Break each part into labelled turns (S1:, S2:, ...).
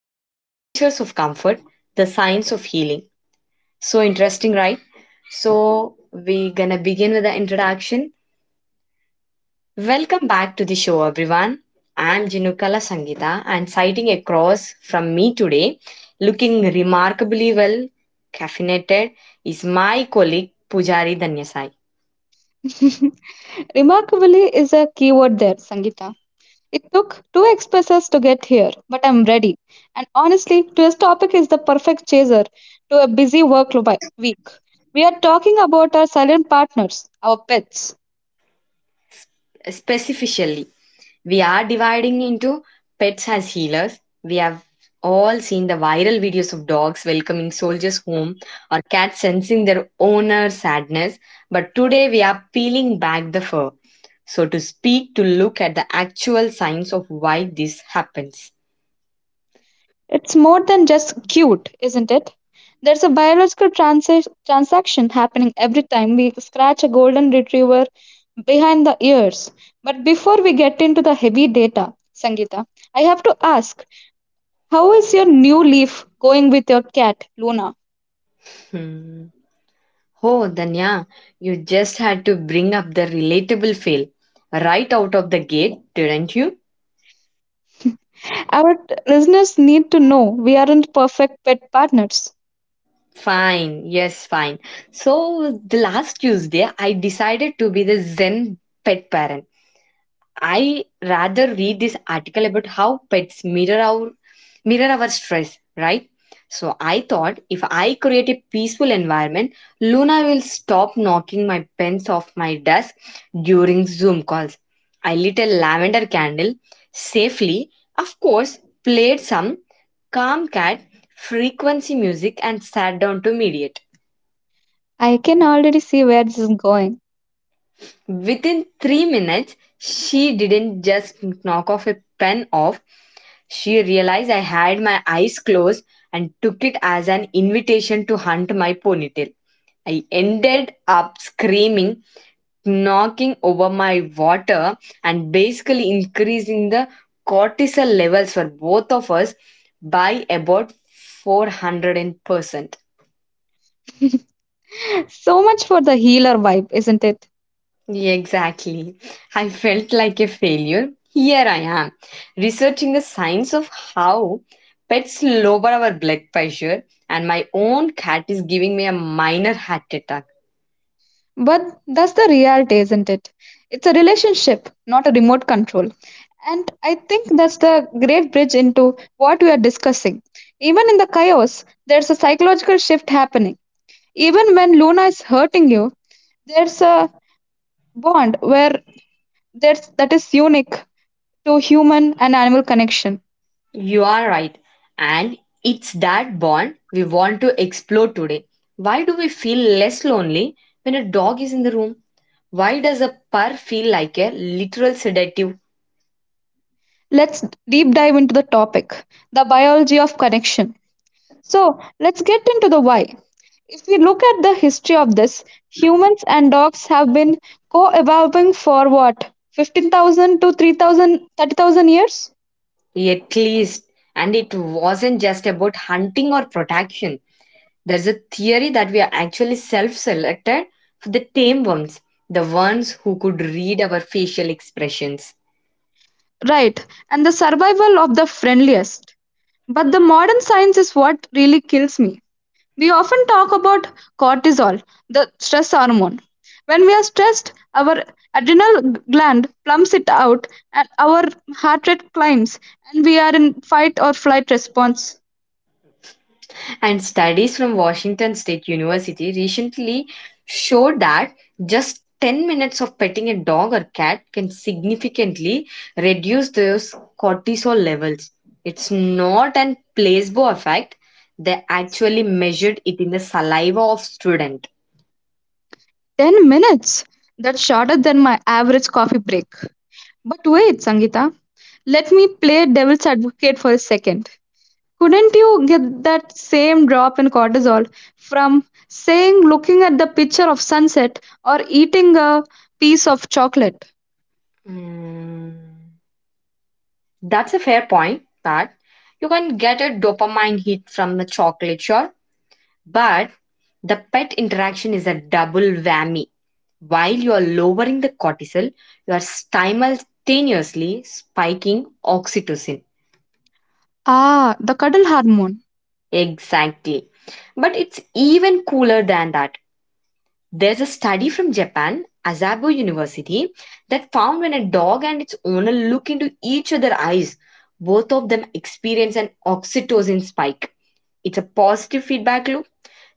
S1: The Creatures of Comfort, The Science of Healing. So interesting, right? So, we're gonna begin with the introduction. Welcome back to the show, everyone. I'm Jinukala Sangita and sighting across from me today, looking remarkably well caffeinated, is my colleague Pujari Danyasai.
S2: Remarkably is a keyword there, Sangeeta. It took two expresses to get here, but I'm ready. And honestly, today's topic is the perfect chaser to a busy week. We are talking about our silent partners, our pets.
S1: Specifically, we are dividing into pets as healers. We have all seen the viral videos of dogs welcoming soldiers home or cats sensing their owner's sadness. But today we are peeling back the fur, so to speak, to look at the actual signs of why this happens.
S2: It's more than just cute, isn't it? There's a biological transaction happening every time we scratch a golden retriever behind the ears. But before we get into the heavy data, Sangeeta, I have to ask, how is your new leaf going with your cat, Luna?
S1: Hmm. Oh, Danya, you just had to bring up the relatable fail right out of the gate, didn't you?
S2: Our listeners need to know we aren't perfect pet partners.
S1: Fine. Yes, fine. So the last Tuesday, I decided to be the Zen pet parent. I rather read this article about how pets mirror our stress, right? So I thought if I create a peaceful environment, Luna will stop knocking my pens off my desk during Zoom calls. I lit a lavender candle safely, of course, played some calm cat frequency music and sat down to mediate.
S2: I can already see where this is going.
S1: Within 3 minutes, she didn't just knock off a pen off. She realized I had my eyes closed and took it as an invitation to hunt my ponytail. I ended up screaming, knocking over my water, and basically increasing the cortisol levels for both of us by about 400%.
S2: So much for the healer vibe, isn't it?
S1: Yeah, exactly. I felt like a failure. Here I am, researching the science of how pets lower our blood pressure, and my own cat is giving me a minor heart attack.
S2: But that's the reality, isn't it? It's a relationship, not a remote control. And I think that's the great bridge into what we are discussing. Even in the chaos, there's a psychological shift happening. Even when Luna is hurting you, there's a bond where that is unique to human and animal connection.
S1: You are right. And it's that bond we want to explore today. Why do we feel less lonely when a dog is in the room? Why does a purr feel like a literal sedative?
S2: Let's deep dive into the topic, the biology of connection. So, let's get into the why. If we look at the history of this, humans and dogs have been co-evolving for what? 15,000 to 3,000 30,000 years?
S1: At least, and it wasn't just about hunting or protection. There's a theory that we are actually self selected for the tame ones, the ones who could read our facial expressions.
S2: Right. And the survival of the friendliest. But the modern science is what really kills me. We often talk about cortisol, the stress hormone. When we are stressed, our adrenal gland plumps it out and our heart rate climbs and we are in fight or flight response.
S1: And studies from Washington State University recently showed that just 10 minutes of petting a dog or cat can significantly reduce those cortisol levels. It's not an placebo effect. They actually measured it in the saliva of student.
S2: 10 minutes. That's shorter than my average coffee break. But wait, Sangeeta, let me play devil's advocate for a second. Couldn't you get that same drop in cortisol from, saying, looking at the picture of sunset or eating a piece of chocolate?
S1: Mm. That's a fair point that you can get a dopamine hit from the chocolate, sure, but the pet interaction is a double whammy. While you are lowering the cortisol, you are simultaneously spiking oxytocin.
S2: Ah, the cuddle hormone.
S1: Exactly. But it's even cooler than that. There's a study from Japan, Asabo University, that found when a dog and its owner look into each other's eyes, both of them experience an oxytocin spike. It's a positive feedback loop.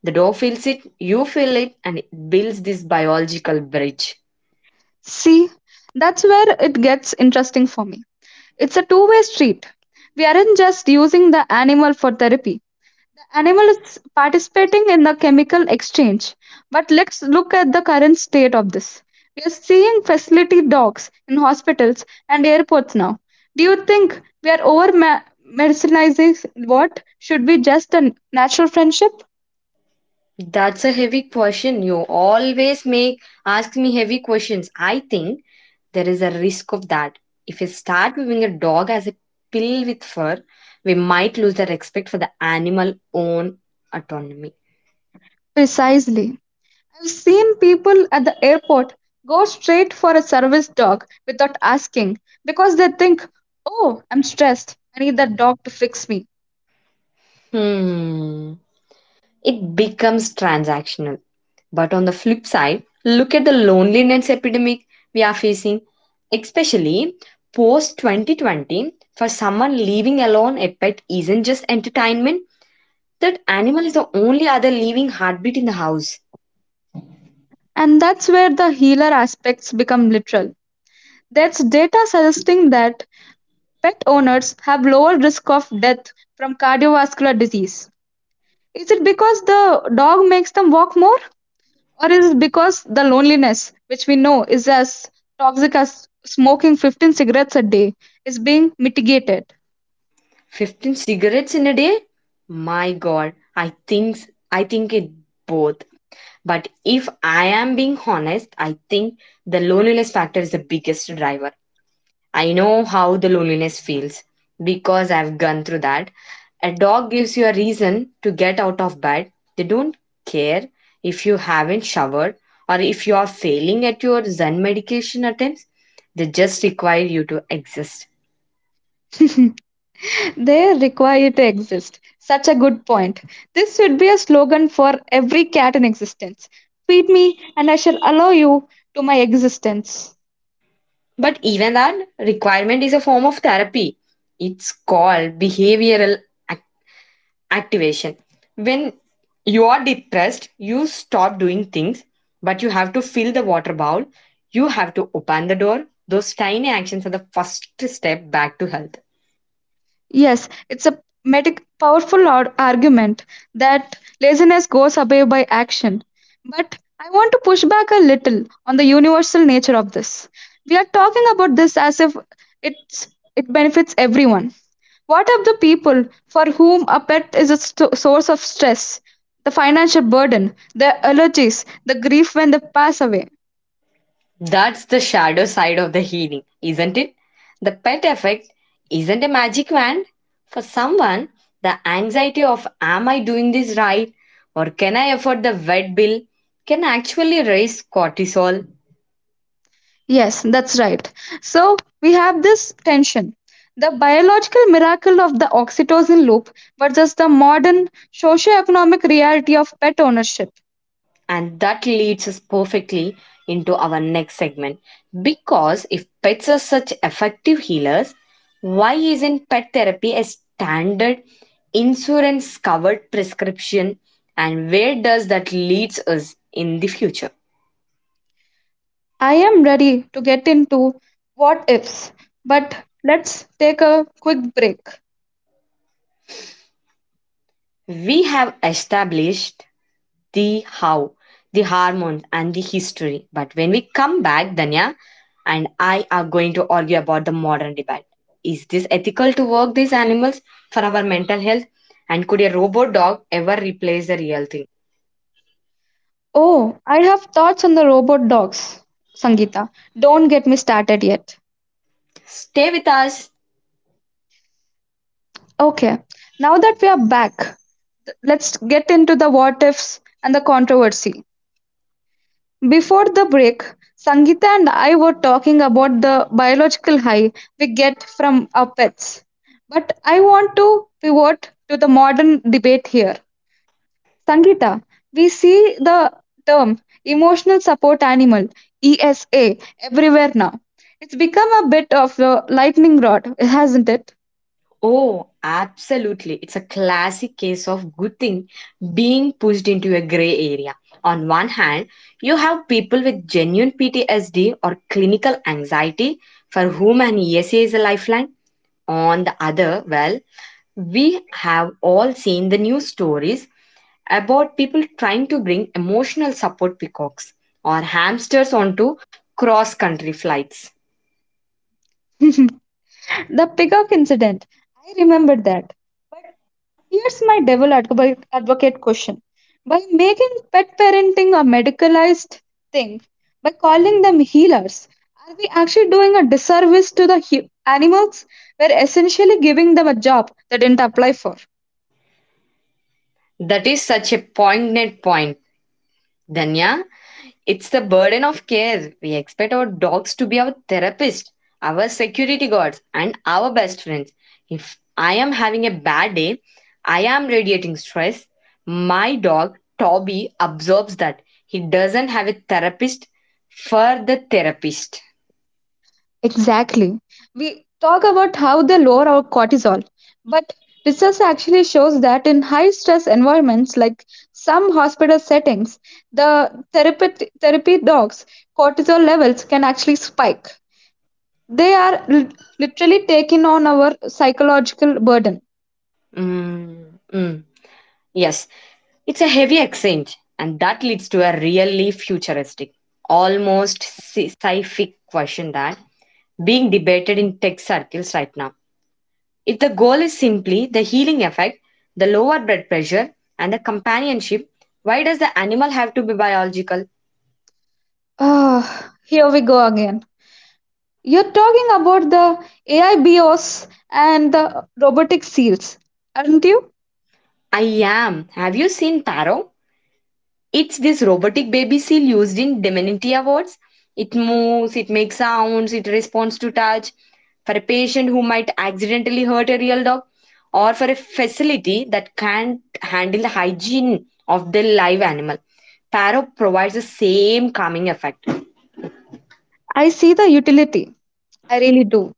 S1: The dog feels it, you feel it, and it builds this biological bridge.
S2: See, that's where it gets interesting for me. It's a two-way street. We aren't just using the animal for therapy, the animal is participating in the chemical exchange. But let's look at the current state of this. We are seeing facility dogs in hospitals and airports now. Do you think we are over medicinizing what should be just a natural friendship?
S1: That's a heavy question. You always make ask me heavy questions. I think there is a risk of that. If we start viewing a dog as a pill with fur, we might lose the respect for the animal own autonomy.
S2: Precisely. I've seen people at the airport go straight for a service dog without asking because they think, oh, I'm stressed. I need that dog to fix me.
S1: Hmm. It becomes transactional. But on the flip side, look at the loneliness epidemic we are facing, especially post 2020. For someone living alone, a pet isn't just entertainment, that animal is the only other living heartbeat in the house.
S2: And that's where the healer aspects become literal. There's data suggesting that pet owners have lower risk of death from cardiovascular disease. Is it because the dog makes them walk more? Or is it because the loneliness, which we know is as toxic as smoking 15 cigarettes a day, is being mitigated?
S1: 15 cigarettes in a day? My god, I think it both. But if I am being honest, I think the loneliness factor is the biggest driver. I know how the loneliness feels because I've gone through that. A dog gives you a reason to get out of bed. They don't care if you haven't showered or if you are failing at your Zen medication attempts. They just require you to exist.
S2: They require to exist. Such a good point. This should be a slogan for every cat in existence. Feed me, and I shall allow you to my existence.
S1: But even that requirement is a form of therapy. It's called behavioral ac- activation. When you are depressed, you stop doing things, but you have to fill the water bowl. You have to open the door. Those tiny actions are the first step back to health.
S2: Yes, it's a powerful argument that laziness goes away by action. But I want to push back a little on the universal nature of this. We are talking about this as if it's it benefits everyone. What of the people for whom a pet is a source of stress, the financial burden, the allergies, the grief when they pass away?
S1: That's the shadow side of the healing, isn't it? The pet effect isn't a magic wand. For someone, the anxiety of am I doing this right or can I afford the vet bill can actually raise cortisol.
S2: Yes, that's right. So we have this tension. The biological miracle of the oxytocin loop versus the modern socio-economic reality of pet ownership.
S1: And that leads us perfectly into our next segment. Because if pets are such effective healers, why isn't pet therapy a standard insurance covered prescription? And where does that leads us in the future?
S2: I am ready to get into what ifs, but let's take a quick break.
S1: We have established the how, the hormones, and the history. But when we come back, Danya and I are going to argue about the modern debate. Is this ethical to work these animals for our mental health? And could a robot dog ever replace the real thing?
S2: Oh, I have thoughts on the robot dogs, Sangeeta. Don't get me started yet.
S1: Stay with us.
S2: Okay, now that we are back, let's get into the what ifs and the controversy. Before the break, Sangeeta and I were talking about the biological high we get from our pets. But I want to pivot to the modern debate here. Sangita, we see the term emotional support animal, ESA, everywhere now. It's become a bit of a lightning rod, hasn't it?
S1: Oh, absolutely. It's a classic case of good thing being pushed into a gray area. On one hand, you have people with genuine PTSD or clinical anxiety for whom an ESA is a lifeline. On the other, well, we have all seen the news stories about people trying to bring emotional support peacocks or hamsters onto cross country flights.
S2: The peacock incident, I remember that. But here's my devil advocate question. By making pet parenting a medicalized thing, by calling them healers, are we actually doing a disservice to the animals? We're essentially giving them a job they didn't apply for.
S1: That is such a poignant point, Danya. It's the burden of care. We expect our dogs to be our therapist, our security guards, and our best friends. If I am having a bad day, I am radiating stress. My dog, Toby, absorbs that. He doesn't have a therapist for the therapist.
S2: Exactly. We talk about how they lower our cortisol, but research actually shows that in high stress environments like some hospital settings, the therapy dogs' cortisol levels can actually spike. They are literally taking on our psychological burden.
S1: Mm, mm. Yes, it's a heavy exchange, and that leads to a really futuristic, almost sci-fic question that being debated in tech circles right now. If the goal is simply the healing effect, the lower blood pressure, and the companionship, why does the animal have to be biological?
S2: Ah, here we go again. You're talking about the AI BOS and the robotic seals, aren't you?
S1: I am. Have you seen Paro? It's this robotic baby seal used in Dementia wards. It moves, it makes sounds, it responds to touch. For a patient who might accidentally hurt a real dog, or for a facility that can't handle the hygiene of the live animal, Paro provides the same calming effect.
S2: I see the utility, I really do.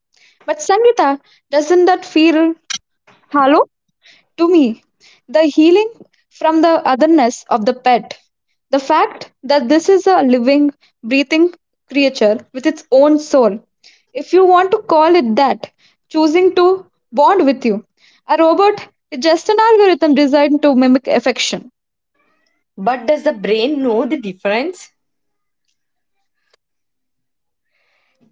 S2: But Sangeeta, doesn't that feel hollow to me? The healing from the otherness of the pet. The fact that this is a living, breathing creature with its own soul, if you want to call it that, choosing to bond with you. A robot is just an algorithm designed to mimic affection.
S1: But does the brain know the difference?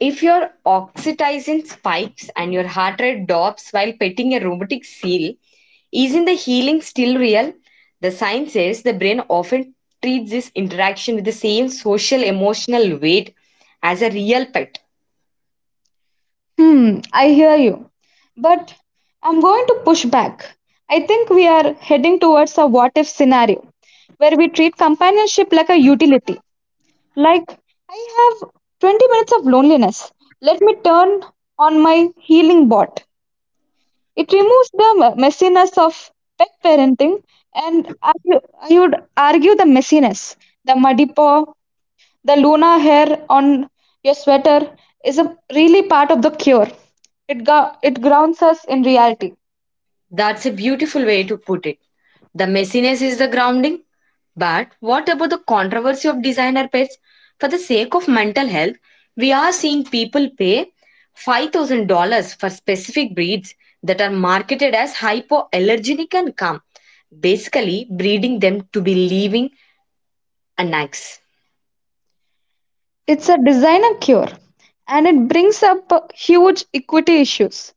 S1: If your oxytocin spikes and your heart rate drops while petting a romantic seal, isn't the healing still real? The science says the brain often treats this interaction with the same social emotional weight as a real pet.
S2: Hmm, I hear you. But I'm going to push back. I think we are heading towards a what if scenario where we treat companionship like a utility. Like, I have 20 minutes of loneliness. Let me turn on my healing bot. It removes the messiness of pet parenting, and I would argue the messiness, the muddy paw, the Luna hair on your sweater is a really part of the cure. It grounds us in reality.
S1: That's a beautiful way to put it. The messiness is the grounding. But what about the controversy of designer pets? For the sake of mental health, we are seeing people pay $5,000 for specific breeds that are marketed as hypoallergenic and calm, basically breeding them to be living annex.
S2: It's a designer cure and it brings up huge equity issues.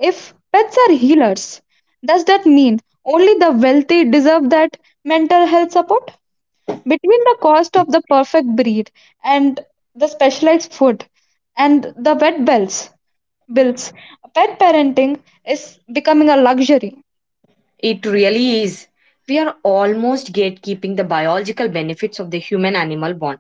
S2: If pets are healers, does that mean only the wealthy deserve that mental health support? Between the cost of the perfect breed and the specialized food and the vet bills, bills, pet parenting is becoming a luxury.
S1: It really is. We are almost gatekeeping the biological benefits of the human animal bond.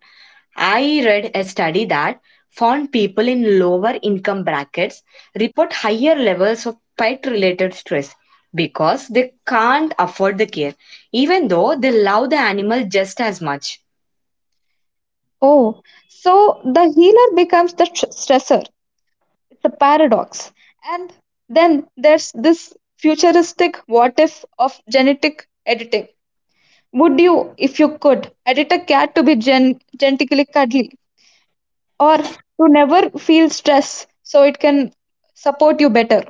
S1: I read a study that found people in lower income brackets report higher levels of pet related stress because they can't afford the care, even though they love the animal just as much.
S2: Oh, so the healer becomes the stressor. It's a paradox. And then there's this futuristic what if of genetic editing. Would you, if you could, edit a cat to be genetically cuddly or to never feel stress so it can support you better?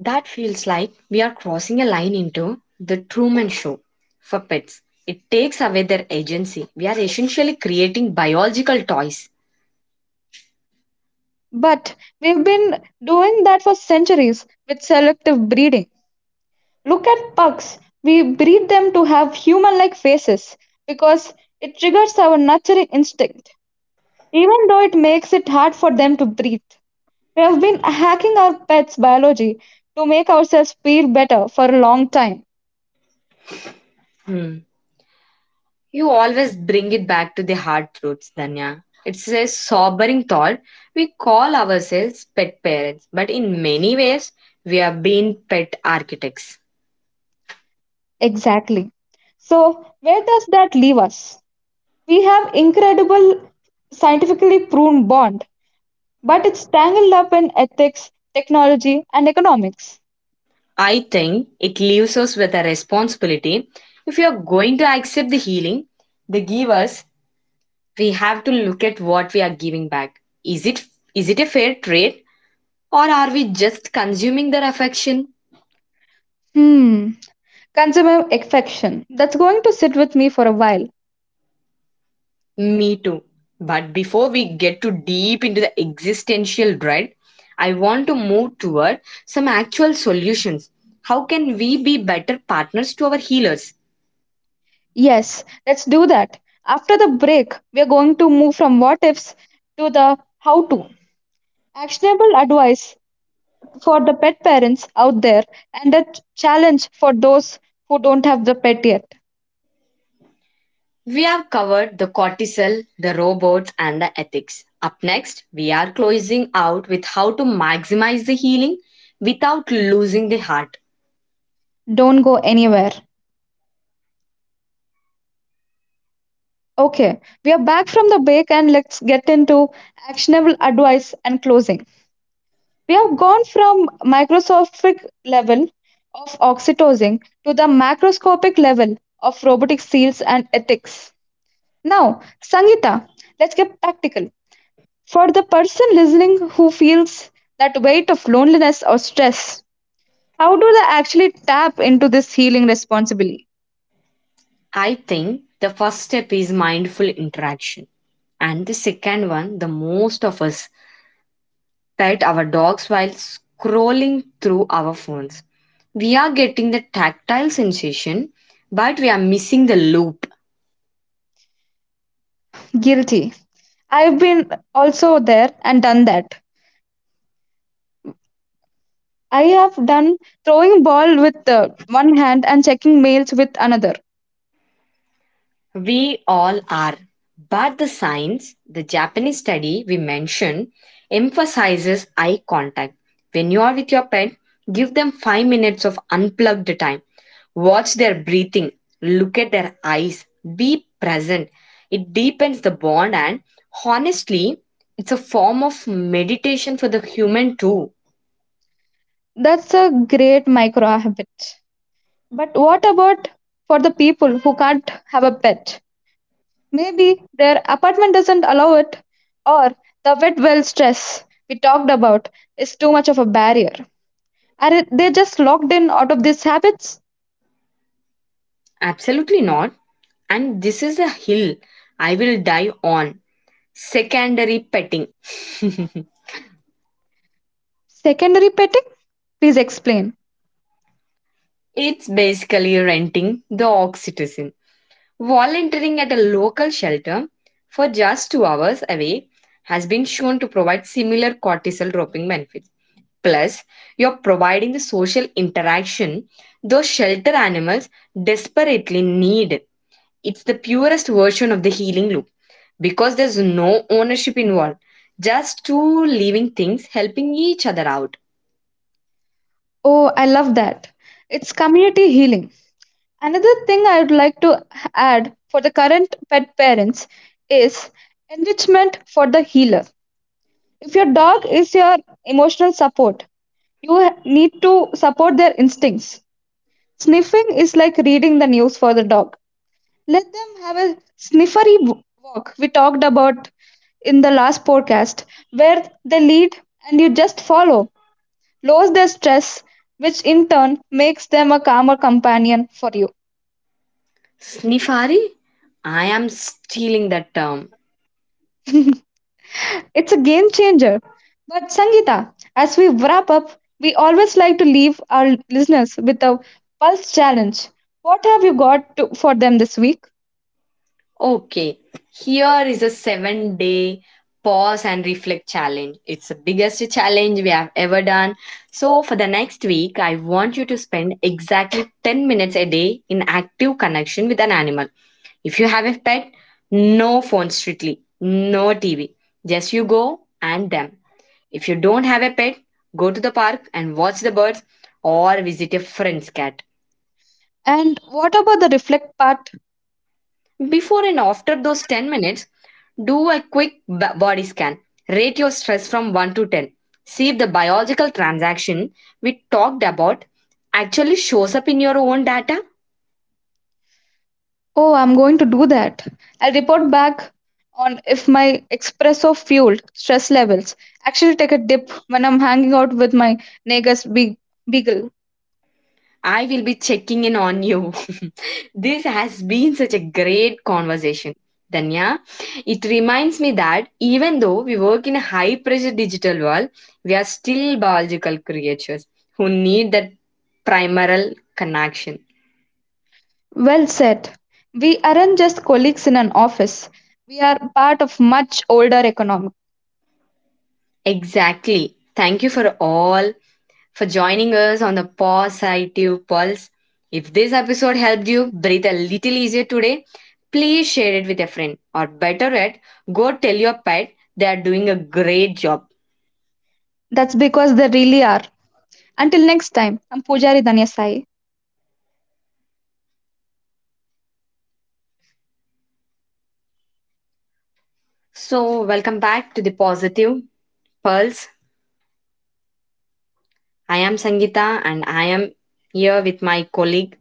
S1: That feels like we are crossing a line into the Truman Show for pets. It takes away their agency. We are essentially creating biological toys.
S2: But we've been doing that for centuries with selective breeding. Look at pugs. We breed them to have human like faces because it triggers our nurturing instinct, even though it makes it hard for them to breathe. We have been hacking our pets' biology to make ourselves feel better for a long time.
S1: Hmm. You always bring it back to the hard truths, Danya. It's a sobering thought. We call ourselves pet parents, but in many ways, we have been pet architects.
S2: Exactly. So, where does that leave us? We have incredible scientifically proven bond, but it's tangled up in ethics, technology, and economics.
S1: I think it leaves us with a responsibility. If we are going to accept the healing, the givers, we have to look at what we are giving back. Is it is it a fair trade, or are we just consuming their affection?
S2: Hmm. Consumer affection. That's going to sit with me for a while.
S1: Me too. But before we get too deep into the existential dread, I want to move toward some actual solutions. How can we be better partners to our healers?
S2: Yes, let's do that. After the break, we are going to move from what ifs to the how to. Actionable advice for the pet parents out there and a challenge for those who don't have the pet yet.
S1: We have covered the cortisol, the robots, and the ethics. Up next, we are closing out with how to maximize the healing without losing the heart.
S2: Don't go anywhere. Okay, we are back from the break and let's get into actionable advice and closing. We have gone from microscopic level of oxytocin to the macroscopic level of robotic seals and ethics. Now, Sangeeta, let's get practical. For the person listening who feels that weight of loneliness or stress, how do they actually tap into this healing responsibly?
S1: I think the first step is mindful interaction. And the second one, the most of us pet our dogs while scrolling through our phones. We are getting the tactile sensation, but we are missing the loop.
S2: Guilty. I've been also there and done that. I have done throwing ball with one hand and checking mails with another.
S1: We all are. But the science, the Japanese study we mentioned, emphasizes eye contact. When you are with your pet, give them 5 minutes of unplugged time. Watch their breathing, look at their eyes, be present. It deepens the bond, and honestly, it's a form of meditation for the human too.
S2: That's a great micro habit. But what about for the people who can't have a pet? Maybe their apartment doesn't allow it, or the wet well stress we talked about is too much of a barrier. Are they just locked in out of these habits?
S1: Absolutely not. And this is a hill I will die on. Secondary petting.
S2: Secondary petting? Please explain.
S1: It's basically renting the oxytocin. Volunteering at a local shelter for just 2 hours away has been shown to provide similar cortisol dropping benefits. Plus, you're providing the social interaction those shelter animals desperately need. It's the purest version of the healing loop because there's no ownership involved, just two living things helping each other out.
S2: Oh, I love that. It's community healing. Another thing I would like to add for the current pet parents is enrichment for the healer. If your dog is your emotional support, you need to support their instincts. Sniffing is like reading the news for the dog. Let them have a sniffery walk we talked about in the last podcast, where they lead and you just follow. Lowers their stress, which in turn makes them a calmer companion for you.
S1: Sniffari? I am stealing that term.
S2: It's a game changer. But Sangeeta, as we wrap up, we always like to leave our listeners with a pulse challenge. What have you got to, for them this week?
S1: Okay, here is a 7-day pause and reflect challenge. It's the biggest challenge we have ever done. So, for the next week, I want you to spend exactly 10 minutes a day in active connection with an animal. If you have a pet, no phone strictly, no TV. Just you go and them. If you don't have a pet, go to the park and watch the birds or visit a friend's cat.
S2: And what about the reflect part?
S1: Before and after those 10 minutes, do a quick body scan. Rate your stress from 1 to 10. See if the biological transaction we talked about actually shows up in your own data.
S2: Oh, I'm going to do that. I'll report back on if my espresso fueled stress levels actually take a dip when I'm hanging out with my neighbor's beagle.
S1: I will be checking in on you. This has been such a great conversation. Danya, it reminds me that even though we work in a high pressure digital world, we are still biological creatures who need that primal connection.
S2: Well said. We aren't just colleagues in an office. We are part of much older economic.
S1: Exactly. Thank you for all for joining us on the Positive Pulse. If this episode helped you breathe a little easier today, please share it with a friend. Or better yet, go tell your pet they are doing a great job.
S2: That's because they really are. Until next time, I'm Pujari Danyasai.
S1: So, welcome back to the Positive Pulse. I am Sangeeta and I am here with my colleague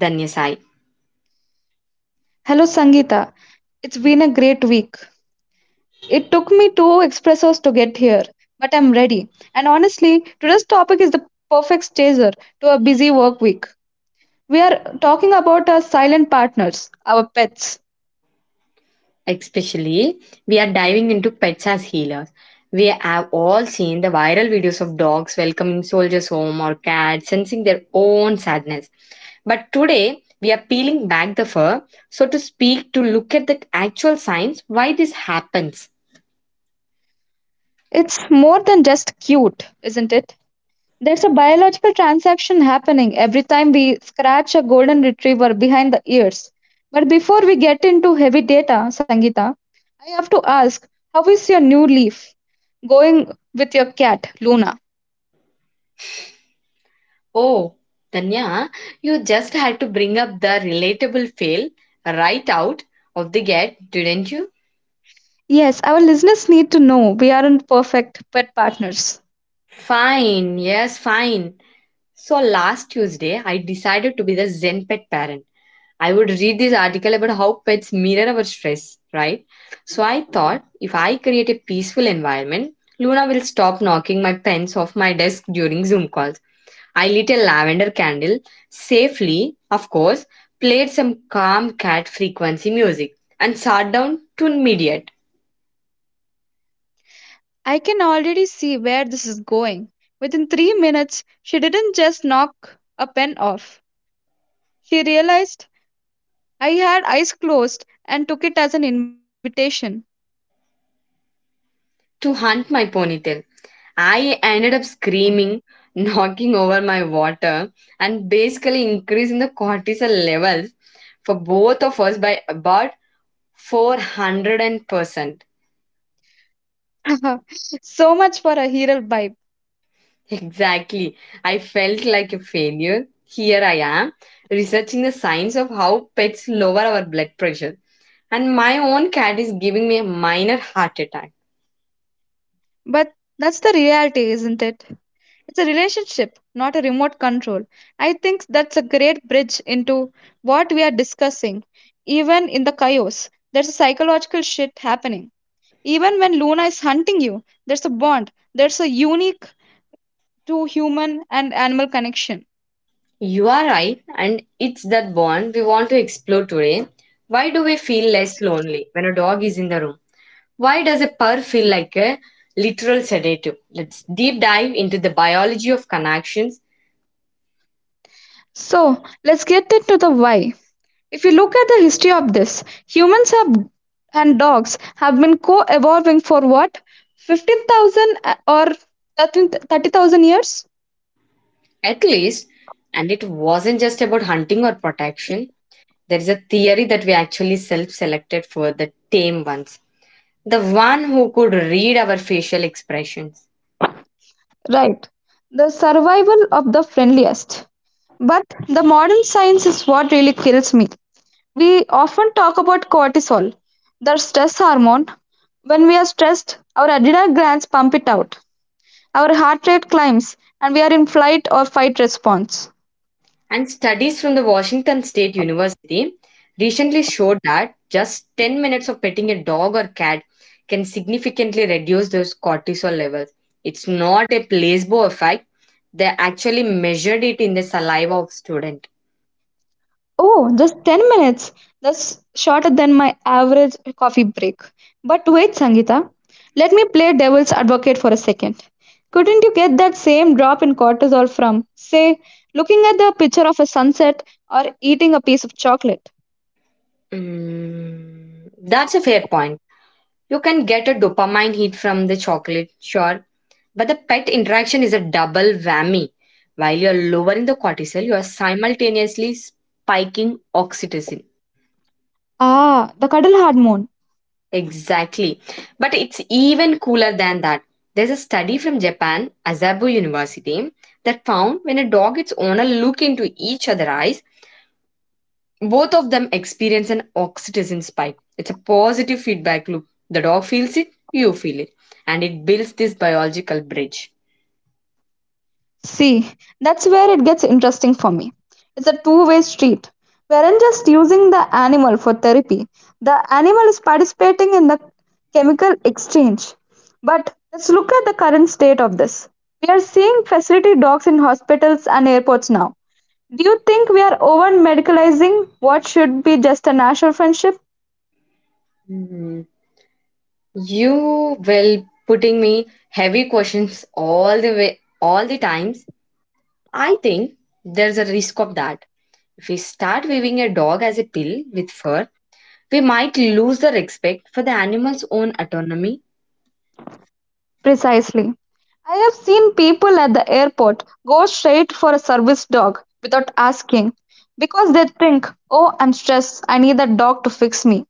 S1: Danya Sai.
S2: Hello, Sangeeta. It's been a great week. It took me two expressos to get here, but I'm ready. And honestly, today's topic is the perfect chaser to a busy work week. We are talking about our silent partners, our pets.
S1: Especially, we are diving into pets as healers. We have all seen the viral videos of dogs welcoming soldiers home or cats sensing their own sadness. But today, we are peeling back the fur, so to speak, to look at the actual signs why this happens.
S2: It's more than just cute, isn't it? There's a biological transaction happening every time we scratch a golden retriever behind the ears. But before we get into heavy data, Sangeeta, I have to ask, how is your new leaf going with your cat, Luna?
S1: Oh, Tanya, you just had to bring up the relatable fail right out of the gate, didn't you?
S2: Yes, our listeners need to know we aren't perfect pet partners.
S1: Fine, yes, fine. So last Tuesday, I decided to be the Zen pet parent. I would read this article about how pets mirror our stress, right? So I thought if I create a peaceful environment, Luna will stop knocking my pens off my desk during Zoom calls. I lit a lavender candle, safely, of course, played some calm cat frequency music, and sat down to mediate
S2: I can already see where this is going. Within 3 minutes, she didn't just knock a pen off. She realized I had eyes closed and took it as an invitation.
S1: to hunt my ponytail. I ended up screaming, knocking over my water, and basically increasing the cortisol levels for both of us by about 400%.
S2: So much for a hero vibe.
S1: Exactly. I felt like a failure. Here I am, researching the science of how pets lower our blood pressure. And my own cat is giving me a minor heart attack.
S2: But that's the reality, isn't it? It's a relationship, not a remote control. I think that's a great bridge into what we are discussing. Even in the chaos, there's a psychological shit happening. Even when Luna is hunting you, there's a bond. There's a unique to human and animal connection.
S1: You are right, and it's that bond we want to explore today. Why do we feel less lonely when a dog is in the room? Why does a purr feel like a literal sedative? Let's deep dive into the biology of connections.
S2: So let's get into the why. If you look at the history of this, humans have and dogs have been co-evolving for what, 15,000 or 13 30,000 years?
S1: At least, and it wasn't just about hunting or protection. There is a theory that we actually self selected for the tame ones, the one who could read our facial expressions.
S2: Right. The survival of the friendliest. But the modern science is what really kills me. We often talk about cortisol, the stress hormone. When we are stressed, our adrenal glands pump it out. Our heart rate climbs and we are in flight or fight response.
S1: And studies from the Washington State University recently showed that just 10 minutes of petting a dog or cat can significantly reduce those cortisol levels. It's not a placebo effect, they actually measured it in the saliva of student.
S2: Oh, just 10 minutes. That's shorter than my average coffee break. But wait, Sangeeta, let me play devil's advocate for a second. Couldn't you get that same drop in cortisol from, say, looking at the picture of a sunset or eating a piece of chocolate?
S1: Mm, that's a fair point. You can get a dopamine hit from the chocolate, sure, but the pet interaction is a double whammy. While you're lowering the cortisol, you are simultaneously spiking oxytocin.
S2: Ah, the cuddle hormone.
S1: Exactly. But it's even cooler than that. There's a study from Japan, Azabu University, that found when a dog its owner look into each other's eyes, both of them experience an oxytocin spike. It's a positive feedback loop. The dog feels it, you feel it, and it builds this biological bridge.
S2: See, that's where it gets interesting for me. It's a two-way street. We aren't just using the animal for therapy, the animal is participating in the chemical exchange. But let's look at the current state of this. We are seeing facility dogs in hospitals and airports now. Do you think we are over medicalizing what should be just a natural friendship?
S1: Hmm. You will putting me heavy questions all the way all the times. I think there's a risk of that. If we start viewing a dog as a pill with fur, we might lose the respect for the animal's own autonomy.
S2: Precisely. I have seen people at the airport go straight for a service dog without asking because they think, oh, I'm stressed, I need that dog to fix me.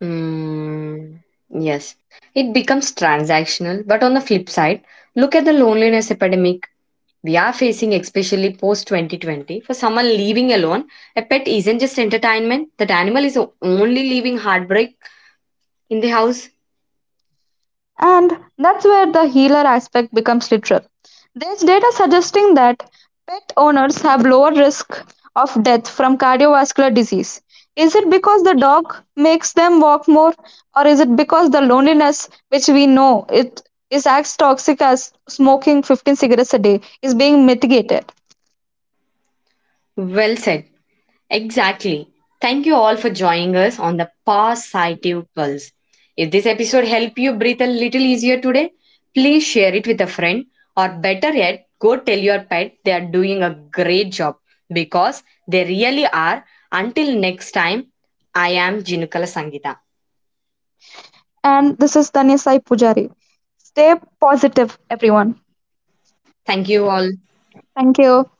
S1: Hmm. Yes, it becomes transactional. But on the flip side, look at the loneliness epidemic we are facing, especially post 2020. For someone living alone, a pet isn't just entertainment. That animal is only leaving heartbreak in the house?
S2: And that's where the healer aspect becomes literal. There's data suggesting that pet owners have lower risk of death from cardiovascular disease. Is it because the dog makes them walk more, or is it because the loneliness, which we know it is as toxic as smoking 15 cigarettes a day, is being mitigated?
S1: Well said. Exactly. Thank you all for joining us on the Positive Pulse. If this episode helped you breathe a little easier today, please share it with a friend or better yet, go tell your pet they are doing a great job because they really are. Until next time, I am Jinukala Sangita.
S2: And this is Tanya Sai Pujari. Stay positive, everyone.
S1: Thank you all.
S2: Thank you.